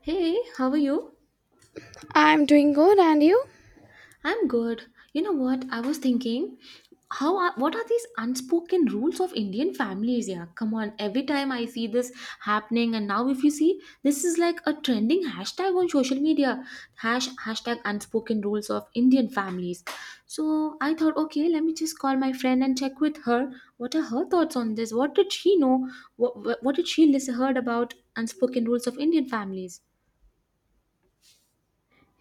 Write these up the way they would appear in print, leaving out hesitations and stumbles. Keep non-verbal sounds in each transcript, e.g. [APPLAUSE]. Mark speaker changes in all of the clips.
Speaker 1: Hey, how are you?
Speaker 2: I'm doing good, and you?
Speaker 1: I'm good. You know what? I was thinking, what are these unspoken rules of Indian families? Yeah, come on. Every time I see this happening, and now if you see, this is like a trending hashtag on social media. Hashtag unspoken rules of Indian families. So I thought, okay, let me just call my friend and check with her. What are her thoughts on this? What did she know? What did she listen heard about unspoken rules of Indian families?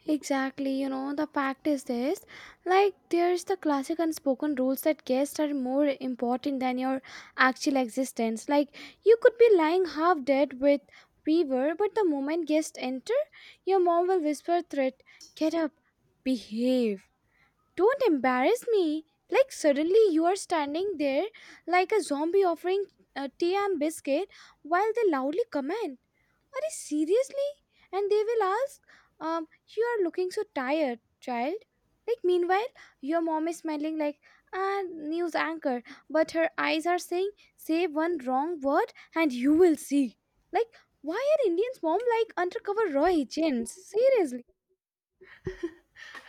Speaker 2: Exactly, you know, the fact is this like, there's the classic unspoken rules that guests are more important than your actual existence. Like, you could be lying half dead with fever, but the moment guests enter, your mom will whisper threat, get up, behave, don't embarrass me. Like, suddenly you are standing there like a zombie offering tea and biscuit while they loudly comment. Are you seriously? And they will ask, um, you are looking so tired, child. Like, meanwhile, your mom is smiling like a news anchor, but her eyes are saying, say one wrong word and you will see. Like, why are Indians' mom like undercover Roy agents? Seriously.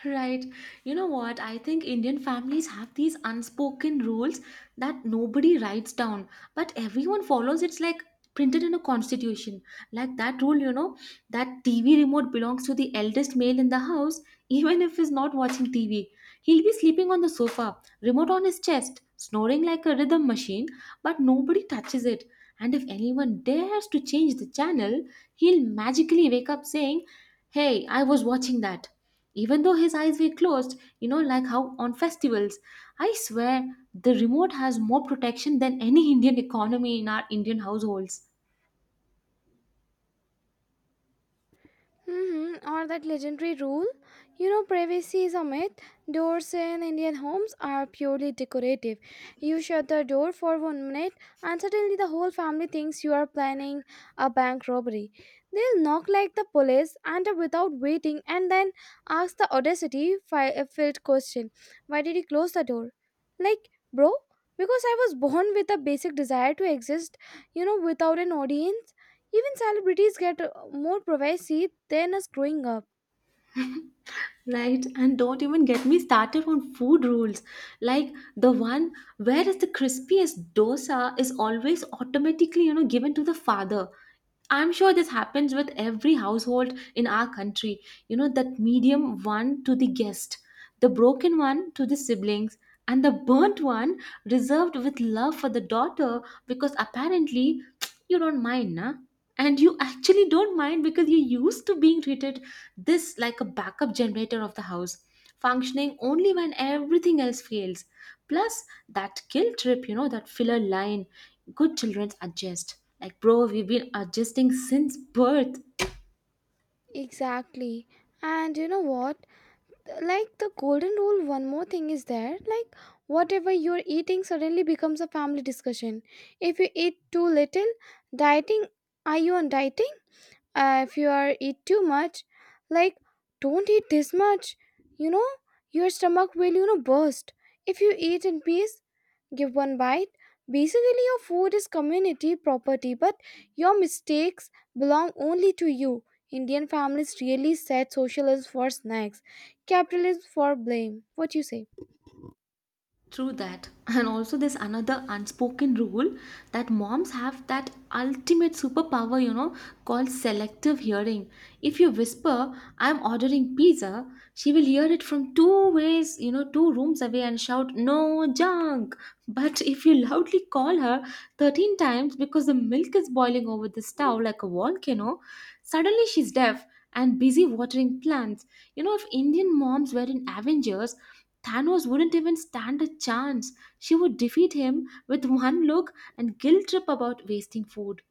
Speaker 1: Right. You know what? I think Indian families have these unspoken rules that nobody writes down, but everyone follows. It's like printed in a constitution. Like that rule, you know, that TV remote belongs to the eldest male in the house, [LAUGHS] even if he's not watching TV. He'll be sleeping on the sofa, remote on his chest, snoring like a rhythm machine, but nobody touches it. And if anyone dares to change the channel, he'll magically wake up saying, "Hey, I was watching that," even though his eyes were closed. You know, like how on festivals, I swear, the remote has more protection than any Indian economy in our Indian households.
Speaker 2: Mm-hmm. Or that legendary rule. You know, privacy is a myth. Doors in Indian homes are purely decorative. You shut the door for one minute, and suddenly the whole family thinks you are planning a bank robbery. They'll knock like the police, enter without waiting, and then ask the audacity filled question, why did you close the door? Like, bro, because I was born with a basic desire to exist, you know, without an audience. Even celebrities get more privacy than us growing up.
Speaker 1: Right, and don't even get me started on food rules. Like the one where is the crispiest dosa is always automatically, you know, given to the father. I'm sure this happens with every household in our country. You know, that medium one to the guest, the broken one to the siblings, and the burnt one reserved with love for the daughter, because apparently [TSK] you don't mind, nah? And you actually don't mind because you're used to being treated this like a backup generator of the house, functioning only when everything else fails. Plus that guilt trip, you know, that filler line, good children adjust. Like bro, we've been adjusting since birth.
Speaker 2: Exactly. And you know what? Like the golden rule, one more thing is there. Like, whatever you're eating suddenly becomes a family discussion. If you eat too little, dieting, are you on dieting? If you are eat too much, like, don't eat this much. You know, your stomach will, you know, burst. If you eat in peace, give one bite. Basically, your food is community property, but your mistakes belong only to you. Indian families really set socialism for snacks, capitalism for blame. What you say?
Speaker 1: True that. And also, there's another unspoken rule that moms have that ultimate superpower, you know, called selective hearing. If you whisper, "I'm ordering pizza," she will hear it from you know, two rooms away and shout, "No junk." But if you loudly call her 13 times because the milk is boiling over the stove like a volcano, suddenly she's deaf and busy watering plants. You know, if Indian moms were in Avengers, Thanos wouldn't even stand a chance. She would defeat him with one look and guilt trip about wasting food.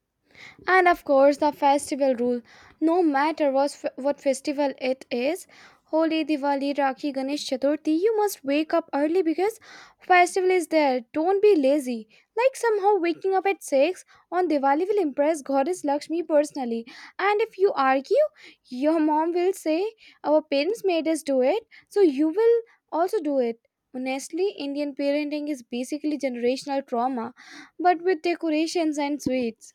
Speaker 2: And of course, the festival rule. No matter what, what festival it is, Holi, Diwali, Rakhi, Ganesh, Chaturthi, you must wake up early because festival is there. Don't be lazy. Like somehow waking up at 6 on Diwali will impress Goddess Lakshmi personally. And if you argue, your mom will say, our parents made us do it, so you will also do it. Honestly, Indian parenting is basically generational trauma, but with decorations and sweets.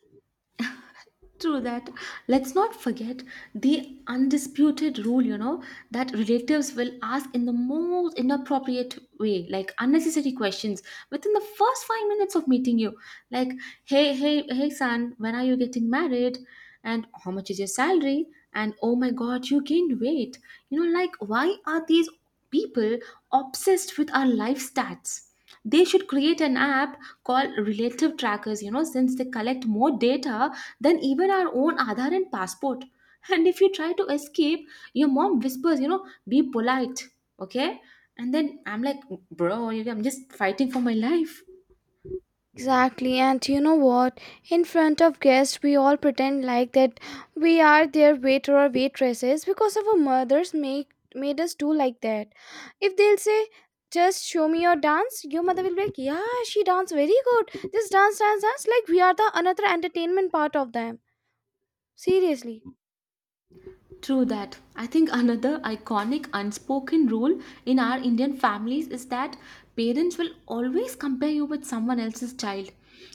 Speaker 1: True that. Let's not forget the undisputed rule, you know, that relatives will ask in the most inappropriate way, like unnecessary questions within the first 5 minutes of meeting you. Like, hey, son, when are you getting married? And how much is your salary? And oh my god, you gained weight. You know, like, why are these people obsessed with our life stats? They should create an app called Relative Trackers, you know, since they collect more data than even our own Aadhaar and passport. And if you try to escape, your mom whispers, you know, "Be polite, okay?" And then I'm like, bro, I'm just fighting for my life.
Speaker 2: Exactly, and you know what? In front of guests, we all pretend like that we are their waiter or waitresses because our mothers make made us do like that. If they'll say, "Just show me your dance," your mother will be like, "Yeah, she dance very good. This dance, dance, dance." Like we are the another entertainment part of them. Seriously.
Speaker 1: True that. I think another iconic unspoken rule in our Indian families is that parents will always compare you with someone else's child.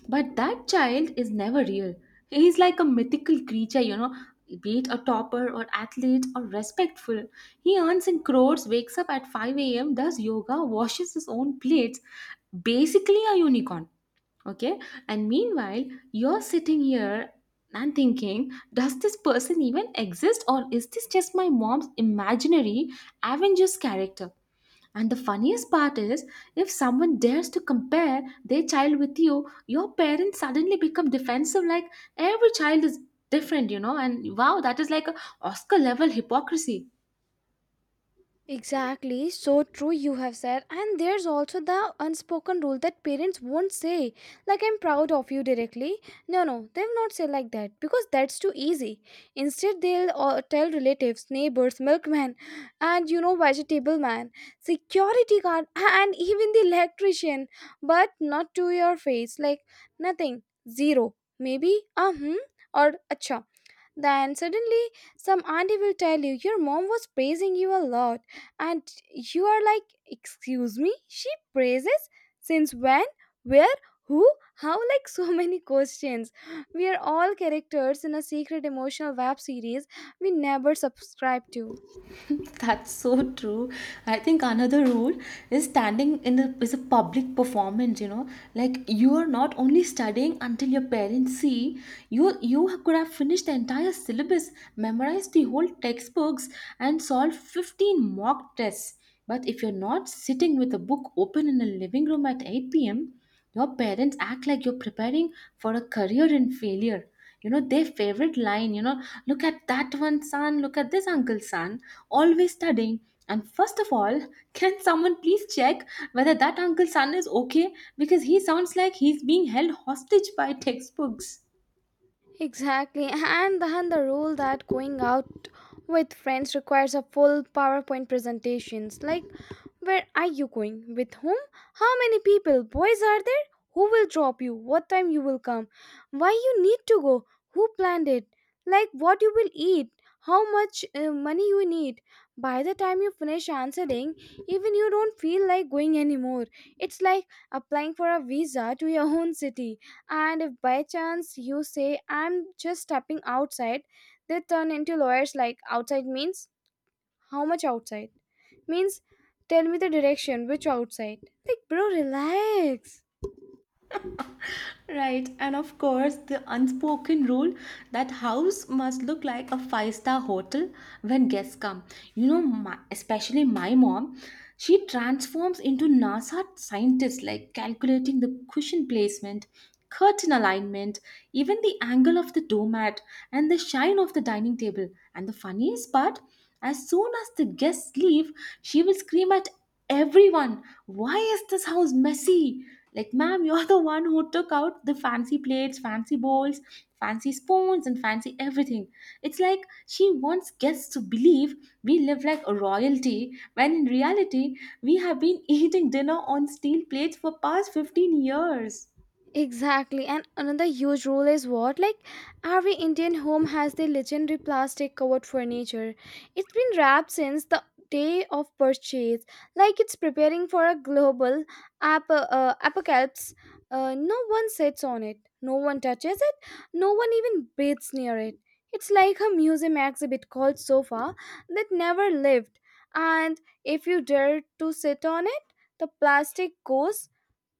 Speaker 1: But that child is never real. He's like a mythical creature, you know, be it a topper or athlete or respectful. He earns in crores, wakes up at 5 a.m., does yoga, washes his own plates, basically a unicorn, okay. And meanwhile, you're sitting here and thinking, does this person even exist, or is this just my mom's imaginary Avengers character? And the funniest part is, if someone dares to compare their child with you, your parents suddenly become defensive, like, every child is different, you know. And wow, that is like a oscar level hypocrisy.
Speaker 2: Exactly, so true you have said. And there's also the unspoken rule that parents won't say, like, I'm proud of you directly. No, no, they will not say like that because that's too easy. Instead, they'll tell relatives, neighbors, milkman, and you know, vegetable man, security guard, and even the electrician, but not to your face, like, nothing, zero, maybe, uh hmm, or acha. Then suddenly, some auntie will tell you, your mom was praising you a lot. And you are like, excuse me, she praises? Since when? Where? Who? How? [LAUGHS] Like so many questions. We are all characters in a secret emotional web series we never subscribe to.
Speaker 1: [LAUGHS] That's so true. I think another rule is standing in the is a public performance, you know. Like you are not only studying until your parents see, you could have finished the entire syllabus, memorized the whole textbooks, and solved 15 mock tests. But if you're not sitting with a book open in a living room at 8 p.m., your parents act like you're preparing for a career in failure. You know, their favorite line, you know, look at that one, son, look at this uncle, son, always studying. And first of all, [LAUGHS] can someone please check whether that uncle's son is okay? Because he sounds like he's being held hostage by textbooks.
Speaker 2: Exactly. And then the rule that going out with friends requires a full PowerPoint presentations. Like, where are you going? With whom? How many people? Boys are there? Who will drop you? What time you will come? Why you need to go? Who planned it? Like what you will eat? How much money you need? By the time you finish answering, even you don't feel like going anymore. It's like applying for a visa to your [LAUGHS] own city. And if by chance you say, I'm just stepping outside, they turn into lawyers like outside means how much outside? Means tell me the direction, which outside? Like, bro, relax.
Speaker 1: Right, and of course, the unspoken rule that house must look like a five-star hotel when guests come. Especially my mom, she transforms into NASA scientist, like calculating the cushion placement, curtain alignment, even the angle of the doormat, and the shine of the dining table. And the funniest part, as soon as the guests leave, she will scream at everyone, why is this house messy? Like, ma'am, you're the one who took out the fancy plates, fancy bowls, fancy spoons, and fancy everything. It's like she wants guests to believe we live like a royalty, when in reality we have been eating dinner on steel plates for past 15 years.
Speaker 2: Exactly, and another huge rule is what? Like, every Indian home has the legendary plastic covered furniture. It's been wrapped since the day of purchase, like it's preparing for a global apocalypse. No one sits on it, no one touches it, no one even breathes near it. It's like a museum exhibit called Sofa that never lived, and if you dare to sit on it, the plastic goes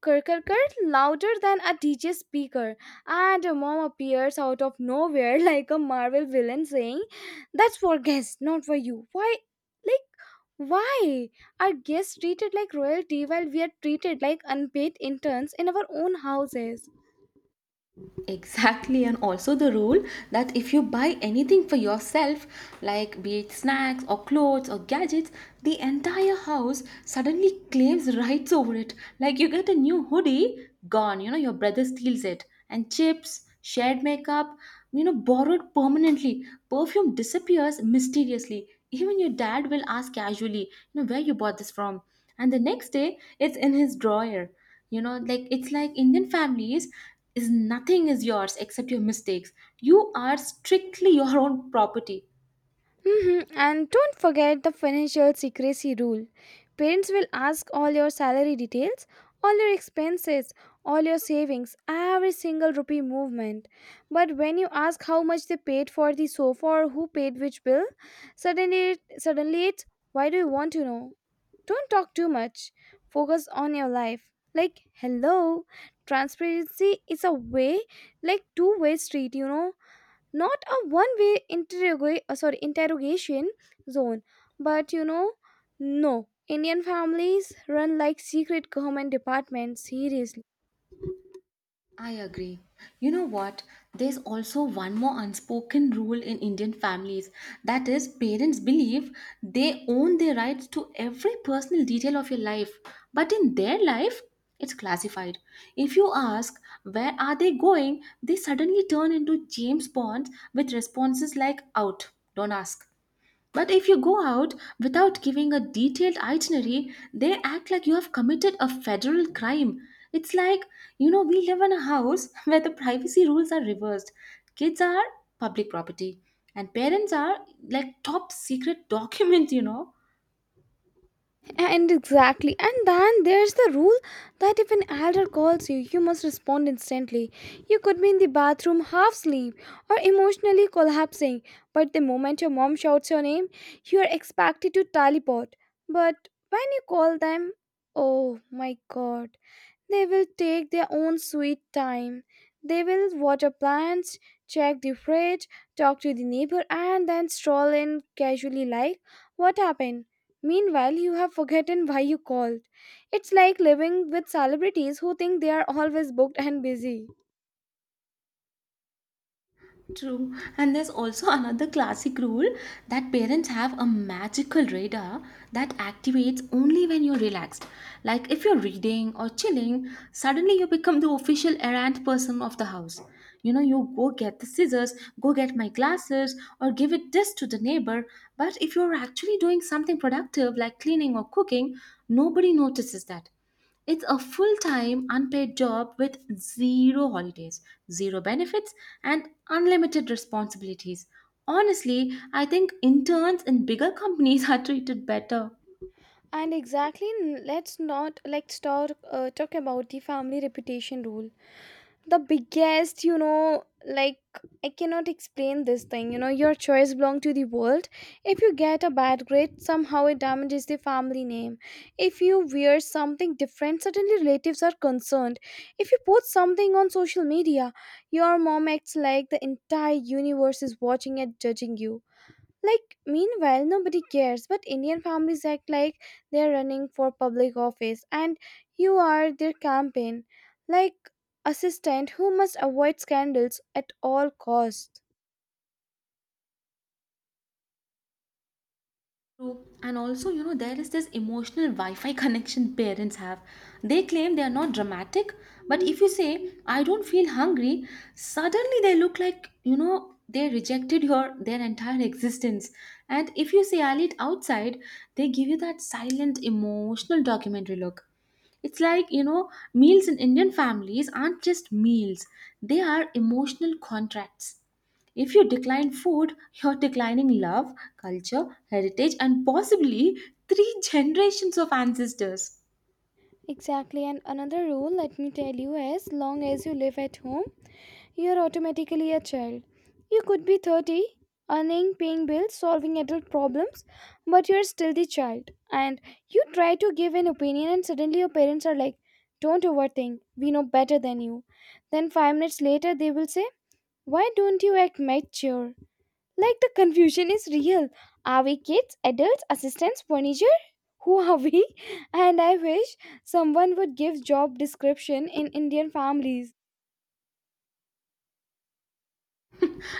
Speaker 2: kirkirkir louder than a DJ speaker, and a mom appears out of nowhere [LAUGHS] like a Marvel villain saying, that's for guests, not for you. Why? Like, why are guests treated like royalty while we are treated like unpaid interns in our own houses?
Speaker 1: Exactly, and also the rule that if you buy anything for yourself, like be it snacks or clothes or gadgets, the entire house suddenly claims rights over it. Like you get a new hoodie, gone, you know, your brother steals it, and chips, shared, makeup, you know, borrowed permanently. Perfume disappears mysteriously. Even your dad will ask casually, you know, where you bought this from. And the next day, it's in his drawer. You know, like it's like Indian families is nothing is yours except your mistakes. You are strictly your own property.
Speaker 2: Mhm. And don't forget the financial secrecy rule. Parents will ask all your salary details, all your expenses, all your savings, every single rupee movement. But when you ask how much they paid for the sofa or who paid which bill, suddenly suddenly it's, why do you want to know? Don't talk too much. Focus on your life. Like, hello, transparency is a way like two-way street, you know, not a one way interrogate sorry interrogation zone. But, you know, no, Indian families run like secret government departments. Seriously.
Speaker 1: I agree. You know what? There's also one more unspoken rule in Indian families, that is, parents believe they own their rights to every personal detail of your life, but in their life, it's classified. If you ask where are they going, they suddenly turn into James Bonds with responses like out, don't ask. But if you go out without giving a detailed itinerary, they act like you have committed a federal crime. It's like, you know, we live in a house [LAUGHS] where the privacy rules are reversed. Kids are public property, and parents are like top secret [LAUGHS] documents, you know.
Speaker 2: And exactly, and then there's the rule that if an elder calls you you must respond instantly you could be in the bathroom half asleep or emotionally collapsing but the moment your mom shouts your name you are expected to teleport but when you call them oh my god They will take their own sweet time. They will water plants, check the fridge, talk to the neighbor, and then stroll in casually like, What happened? Meanwhile, you have forgotten why you called. It's like living with celebrities who think they are always booked and busy.
Speaker 1: True. And there's also [LAUGHS] another classic rule that parents have a magical radar that activates only when you're relaxed. Like if you're reading or chilling, suddenly you become the official errand person of the house. You know, you go get the scissors, go get my glasses, or give it this to the neighbor. But if you're actually doing something productive like cleaning or cooking, nobody notices that. It's a full time unpaid job with zero holidays, zero benefits, and unlimited responsibilities. Honestly, I think interns in bigger companies [LAUGHS] are treated better.
Speaker 2: And exactly, n- let's not let's talk talk about the family reputation rule. The biggest, you know, like, I cannot explain this thing. You know, your choice belong to the world. If you get a bad grade, somehow it damages the family name. If you wear something different, suddenly relatives are concerned. If you post something on social media, your mom acts like the entire universe is watching and judging you. Like, meanwhile, nobody cares, but Indian families act like they're running for public office and you are their campaign, like assistant who must avoid scandals at all costs.
Speaker 1: True. And also, you know, there is this emotional Wi Fi connection parents have. They claim they are not dramatic, but if you say, I don't feel hungry, suddenly they look like, you know, they rejected your their entire existence. And if you say I'll eat outside, they give you that silent emotional documentary look. It's like, you know, meals in Indian families aren't just meals, they are emotional contracts. If you decline food, [LAUGHS] you're declining love, culture, heritage, and possibly three [LAUGHS] generations of ancestors.
Speaker 2: Exactly, and another rule, let me tell you, as long as you live at home, you're automatically a child. You could be 30, earning, paying bills, solving adult problems, but you're still the child. And you try to give an opinion, and suddenly your parents are like, don't overthink, we know better than you. Then, five minutes later, they will say, why don't you act mature? Like the confusion is real. Are we kids, adults, assistants, furniture? Who are we? [LAUGHS] And I wish someone would give job description in Indian families.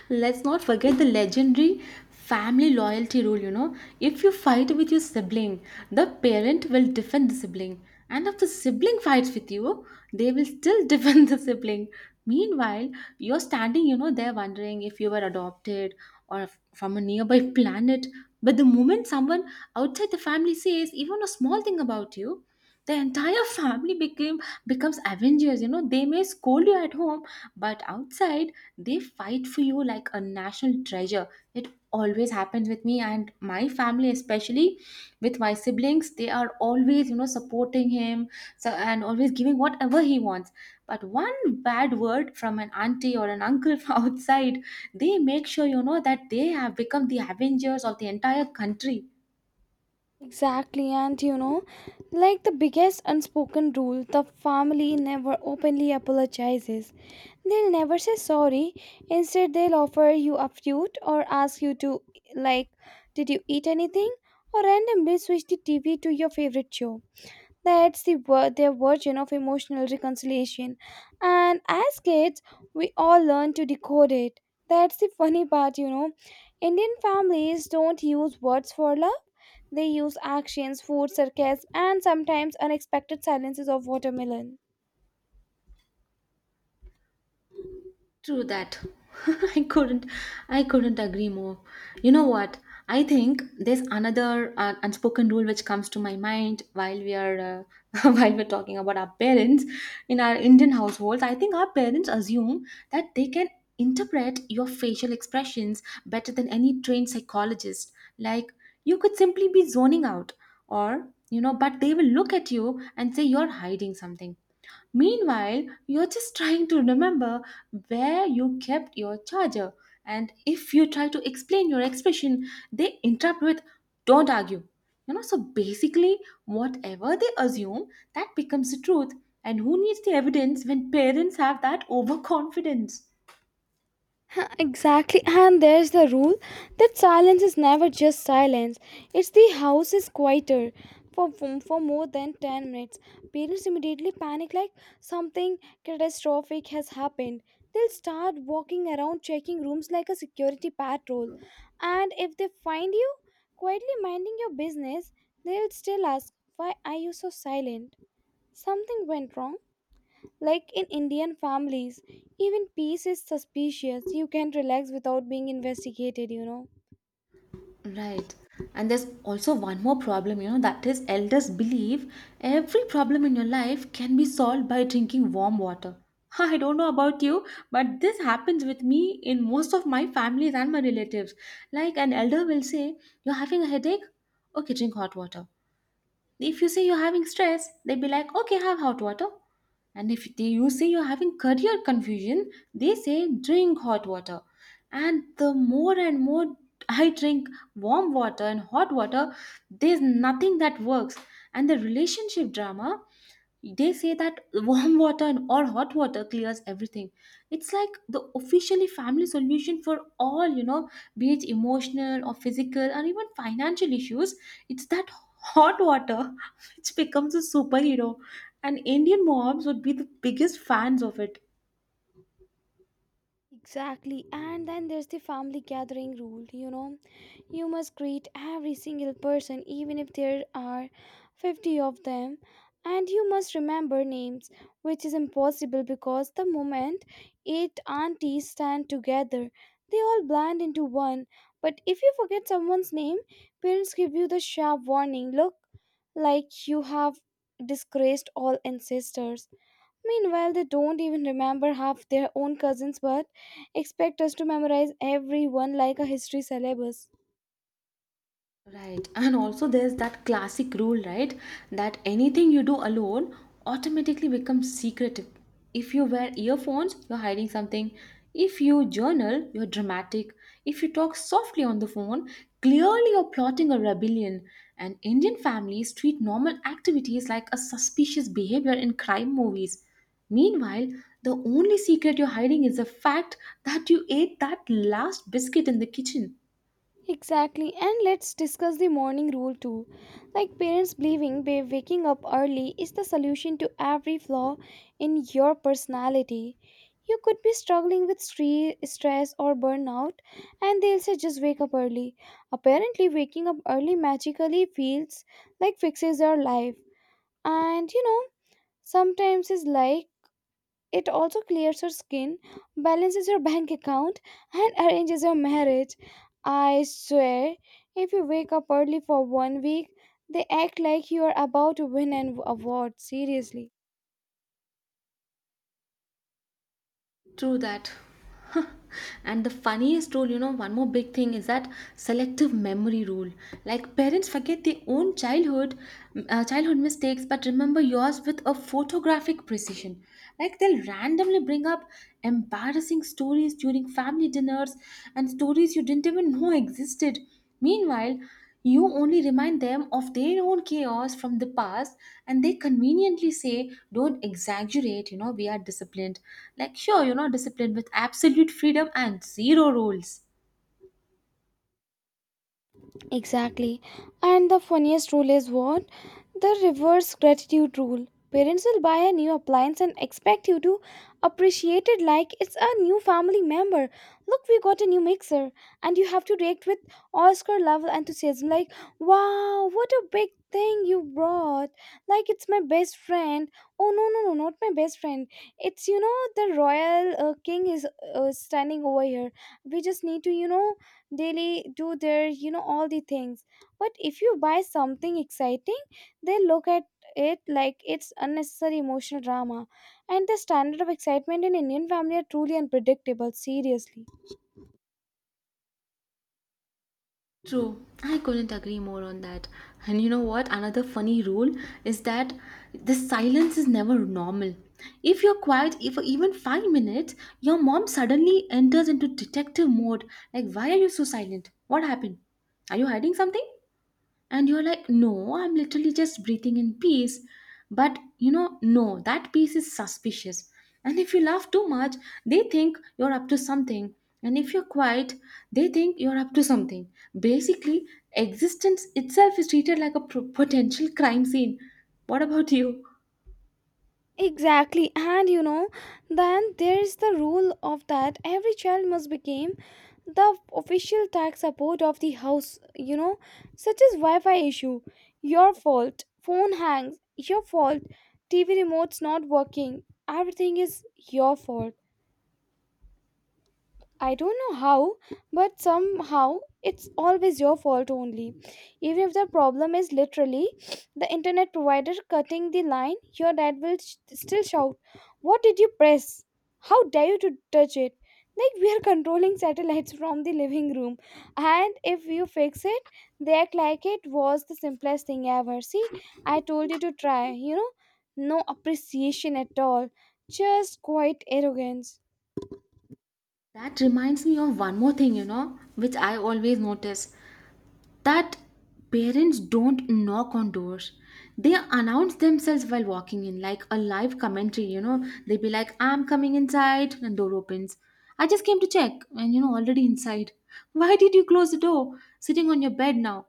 Speaker 1: Let's not forget the legendary family loyalty rule, you know. If you fight with your sibling, the parent will defend the sibling. And if the sibling fights with you, they will still [LAUGHS] defend the sibling. Meanwhile, you're standing, you know, there wondering if you were adopted or from a nearby planet. But the moment someone outside the family says even a small thing about you, the entire family became becomes Avengers. You know, they may scold you at home, but outside they fight for you like a national treasure. It always happens with me and my family, especially with my siblings. They are always, you know, supporting him so, and always giving whatever he wants. But one bad word from an auntie or an uncle [LAUGHS] from outside, they make sure, you know, that they have become the Avengers of the entire country.
Speaker 2: Exactly, and you know, like the biggest unspoken rule, the family never openly apologizes. They'll never say sorry. Instead, they'll offer you a fruit or ask you to, like, did you eat anything? Or randomly switch the TV to your favorite show. That's the their version of emotional reconciliation. And as kids, we all learn to decode it. That's the funny part, you know. Indian families don't use words for love. They use actions, food, sarcasm, and sometimes unexpected silences of watermelon.
Speaker 1: True that. [LAUGHS] I couldn't I couldn't agree more. You know what? I think there's another unspoken rule which comes to my mind while we are [LAUGHS] while we're talking about our parents in our Indian households. I think our parents assume that they can interpret your facial expressions better than any trained psychologist. Like you could simply be zoning out or you know, but they will look at you and say you're hiding something. Meanwhile, you're just trying to remember where you kept your charger. And if you try to explain your expression, they interrupt with, don't argue. So basically, whatever they assume, that becomes the truth. And who needs the evidence when parents have that overconfidence?
Speaker 2: [LAUGHS] Exactly, and there's the rule that silence is never just silence. It's the house is quieter for more than 10 minutes. Parents immediately panic like something catastrophic has happened. They'll start walking around checking rooms like a security patrol. And if they find you quietly minding your business, they'll still ask, why are you so silent? Something went wrong. Like in Indian families, even peace is suspicious. You can relax without being investigated, you know.
Speaker 1: Right. And there's also one more problem, that is elders believe every problem in your life can be solved by drinking warm water. [LAUGHS] I don't know about you, but this happens with me in most of my families and my relatives. Like an elder will say, you're having a headache? Okay, drink hot water. If you say you're having stress, they'd be like, okay, have hot water. And if they, you say you're having career confusion, they say, drink hot water. And the more [LAUGHS] I drink warm water and hot water, there's nothing that works. And the relationship drama, they say that or hot water clears everything. It's like the officially family solution for all, be it emotional or physical or even financial issues. It's that hot water [LAUGHS] which becomes a superhero, and Indian moms would be the biggest fans of it.
Speaker 2: Exactly. And then there's the family gathering rule, you know. You must greet every single person, even if there are 50 of them. And you must remember names, which is impossible because the moment eight aunties stand together, they all blend into one. But if you forget someone's name, parents give you the sharp warning look like you have disgraced all ancestors. Meanwhile, they don't even remember half their own cousins but expect us to memorize everyone like a history syllabus.
Speaker 1: Right. And also, there's that classic rule, right? That anything you do alone automatically becomes secretive. If you wear earphones, you're hiding something. If you journal, you're dramatic. If you talk softly on the phone, clearly you're plotting a rebellion. And Indian families treat normal activities like a suspicious behavior in crime movies. Meanwhile, the only secret you're hiding is the fact that you ate that last biscuit in the kitchen.
Speaker 2: Exactly, and let's discuss the morning rule too. Like parents believing waking up early is the solution to every flaw in your personality. You could be struggling with stress or burnout, and they'll say just wake up early. Apparently, waking up early magically feels like fixes your life. And you know, sometimes it's like it also clears your skin, balances your bank account, and arranges your marriage. I swear, if you wake up early for one week, they act like you are about to win an award, seriously.
Speaker 1: True that. [LAUGHS] And the funniest rule, one more big thing is that selective memory rule. Like parents forget their own childhood mistakes but remember yours with a photographic precision. Like they'll randomly bring up embarrassing stories during family dinners, and stories you didn't even know existed. Meanwhile, you only remind them of their own chaos from the past, and they conveniently say, don't exaggerate, we are disciplined. Like, sure, you're not disciplined with absolute freedom and zero rules.
Speaker 2: Exactly. And the funniest rule is what? The reverse gratitude rule. Parents will buy a new appliance and expect you to appreciate it like it's a new family member. Look, we got a new mixer. And you have to react with Oscar level enthusiasm, like, wow, what a big thing you brought. Like, it's my best friend. Oh, no, no, no, not my best friend. It's, the royal king is standing over here. We just need to, daily do their all the things, but if you buy something exciting, they look at it like it's unnecessary emotional drama, and the standard of excitement in Indian family are truly unpredictable, seriously.
Speaker 1: True, I couldn't agree more on that. And you know what? Another funny rule is that the silence is never normal. If you're for even 5 minutes, your mom suddenly enters into detective mode. Like, why are you so silent? What happened? Are you hiding something? And you're like, no, I'm literally just breathing in peace. But you know, no, that peace is suspicious. And if you laugh too much, they think you're up to something. And if you're quiet, they think you're up to something. Basically, existence itself is treated like a potential crime scene. What about you?
Speaker 2: Exactly, and then there is the rule of that every child must become the official tax support of the house, such as Wi Fi issue, your fault, phone hangs, your fault, TV remote's not working, everything is your fault. I don't know how, but somehow it's always your fault only. Even if the problem is literally the internet provider cutting the line, your dad will still shout, "What did you press? How dare you to touch it?" Like we are controlling satellites from the living room. And if you fix it, they act like it was the simplest thing ever. "See, I told you to try, No appreciation at all. Just quite arrogance.
Speaker 1: That reminds me of one more thing, which I always notice. That parents don't knock on doors, they announce themselves while walking in like a live commentary. You know, they be like, I'm coming inside, and door opens, I just came to check, and you know, already inside, why did you close the door sitting on your bed now?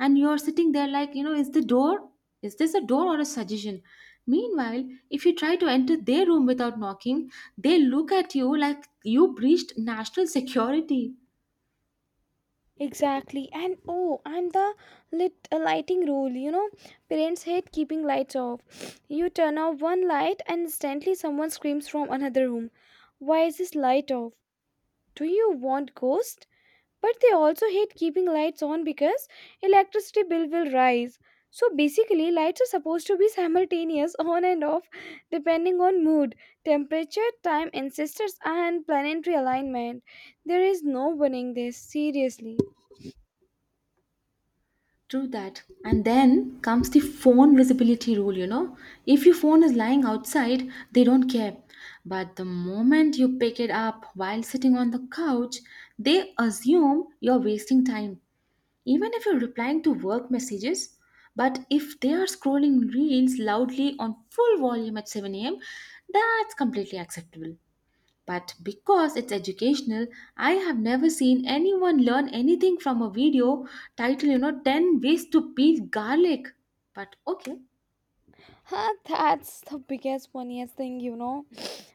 Speaker 1: And you're sitting there like, is the door, is this a door or a suggestion? Meanwhile, if you try to enter their room without knocking, they look at you like you breached national security.
Speaker 2: Exactly, and oh, and the lit lighting rule. You know, parents hate keeping lights off. You turn off one light, and instantly someone screams from another room, "Why is this light off? Do you want ghost?" But they also hate keeping lights on because electricity bill will rise. So basically, lights are supposed to be simultaneous [LAUGHS] on and off depending on mood, temperature, time, ancestors, and planetary alignment. There is no winning this, seriously.
Speaker 1: True that. And then comes the phone visibility rule, you know. If your phone is lying outside, they don't care. But the moment you pick it up while sitting on the couch, they assume you're wasting time, even if you're replying to work messages. But if they are scrolling reels loudly on full volume at 7 a.m., that's completely acceptable. But because it's educational, I have never seen anyone learn anything from a video titled, you know, 10 ways to peel garlic. But okay,
Speaker 2: Huh, that's the biggest, funniest thing,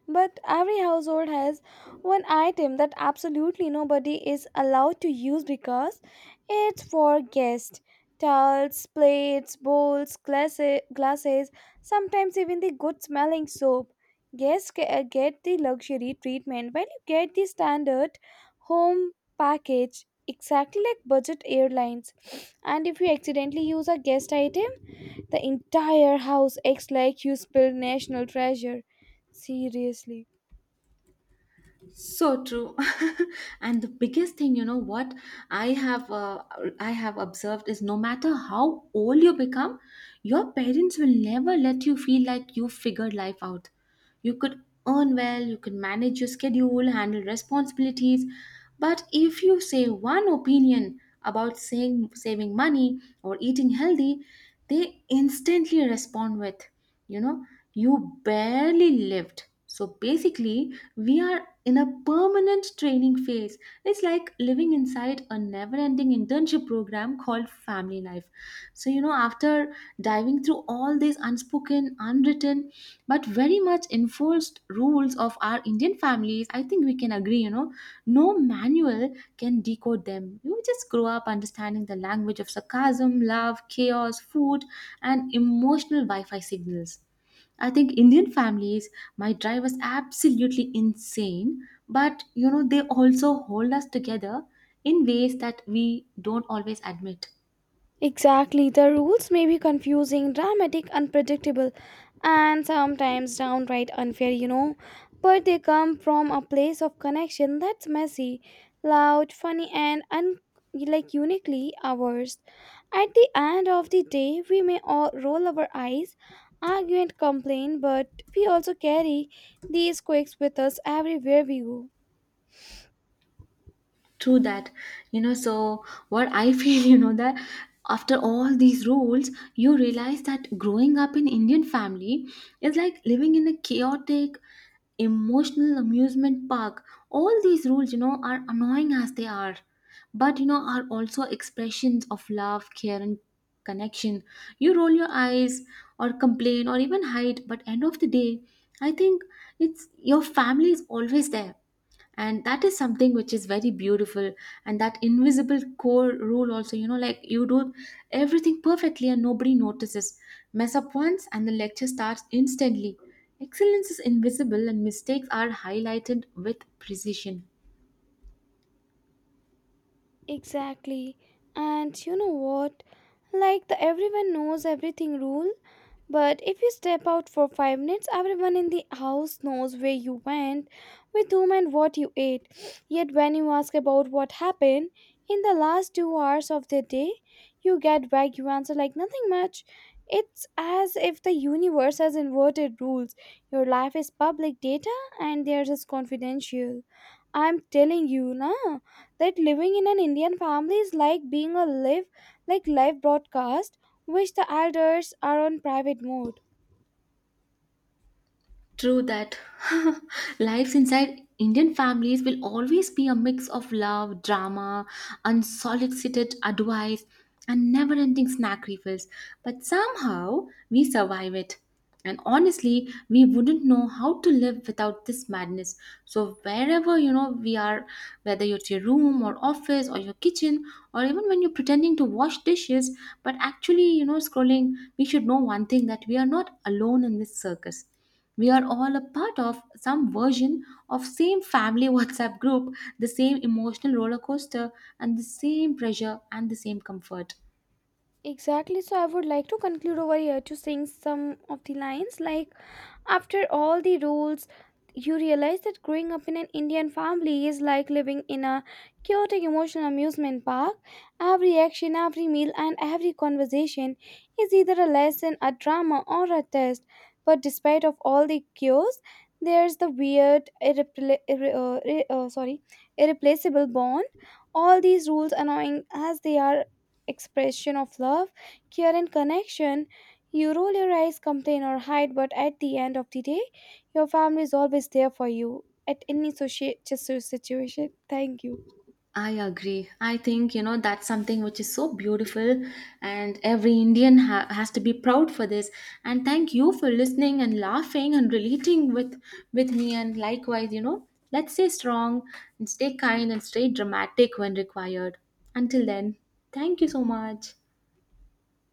Speaker 2: But every household has one item that absolutely nobody is allowed to use because it's for guests. Towels, plates, bowls, glasses, glasses, sometimes even the good smelling soap. Get the luxury treatment while you get the standard home package, exactly like budget airlines. And if you accidentally use a guest item, the entire house acts like you spilled national treasure. Seriously.
Speaker 1: so true. [LAUGHS] And the biggest thing, you know what, i have uh, I have observed is no matter how old you become, your parents will never let you feel like you figured life out. You could earn well, you can manage your schedule, handle responsibilities, but if you say one opinion about saying saving money or eating healthy, they instantly respond with, you know, you barely lived. So basically we are in a permanent training phase. It's like living inside a never ending internship program called Family Life. So, you know, after diving through all these unspoken, unwritten, but very much enforced rules of our Indian families, I think we can agree, you know, no manual can decode them. You just grow up understanding the language of sarcasm, love, chaos, food, and emotional Wi Fi signals. I think Indian families, my drive was absolutely insane, but you know, they also hold us together in ways that we don't always admit.
Speaker 2: Exactly. The rules may be confusing, dramatic, unpredictable, and sometimes downright unfair, But they come from a place of connection that's messy, loud, funny, and like uniquely ours. At the end of the day, we may all roll our eyes, argue and complain, but we also carry these quirks with us everywhere we go.
Speaker 1: True that. You know, so what I [LAUGHS] feel, you know, that after all these rules, you realize that growing up in Indian family is like living in a chaotic, emotional amusement park. All these rules, you know, are annoying as they are, but you know, are also expressions of love, care, and connection. You roll your eyes or complain or even hide, but end of the day, I think it's your family is always there, and that is something which is very beautiful. And that invisible core rule also, you know, like you do everything perfectly and nobody notices, mess up once and the lecture starts instantly. Excellence is invisible and mistakes are highlighted with precision.
Speaker 2: Exactly. And you know what? Like the everyone knows everything rule, but if you step out for 5 minutes, everyone in the house knows where you went, with whom, and what you ate. Yet, when you ask about what happened in the last 2 hours of the day, you get vague answer like nothing much. It's as if the universe has inverted rules. Your life is public data, and theirs is confidential. I'm telling you, na, that living in an Indian family is like being a live, like live broadcast which the elders are on private mode.
Speaker 1: True that. [LAUGHS] Lives inside Indian families will always be a mix of love, drama, unsolicited advice, and never ending snack refills. But somehow we survive it. And honestly, we wouldn't know how to live without this madness. So, wherever you know we are, whether you're at your room or office or your kitchen, or even when you're pretending to wash dishes but actually, you know, scrolling, we should know one thing, that we are not alone in this circus. We are all a part of some version of same family [LAUGHS] WhatsApp group, the same emotional roller coaster, and the same pressure and the same comfort.
Speaker 2: Exactly, so I would like to conclude over here to sing some of the lines like: After all the rules, you realize that growing up in an Indian family is like living in a chaotic emotional amusement park. Every action, every meal, and every conversation is either a lesson, a drama, or a test. But despite of all the chaos, there's the weird, irreplaceable bond. All these rules, annoying as they are, expression of love, care, and connection. You roll your eyes, complain, or hide, but at the end of the day, your family is always there for you at any situation. Thank you.
Speaker 1: I agree, I think, you know, that's something which is so beautiful, and every Indian has to be proud for this. And thank you for listening and laughing and relating with me, and likewise, you know, let's stay strong and stay kind and stay dramatic when required. Until then, thank you so much.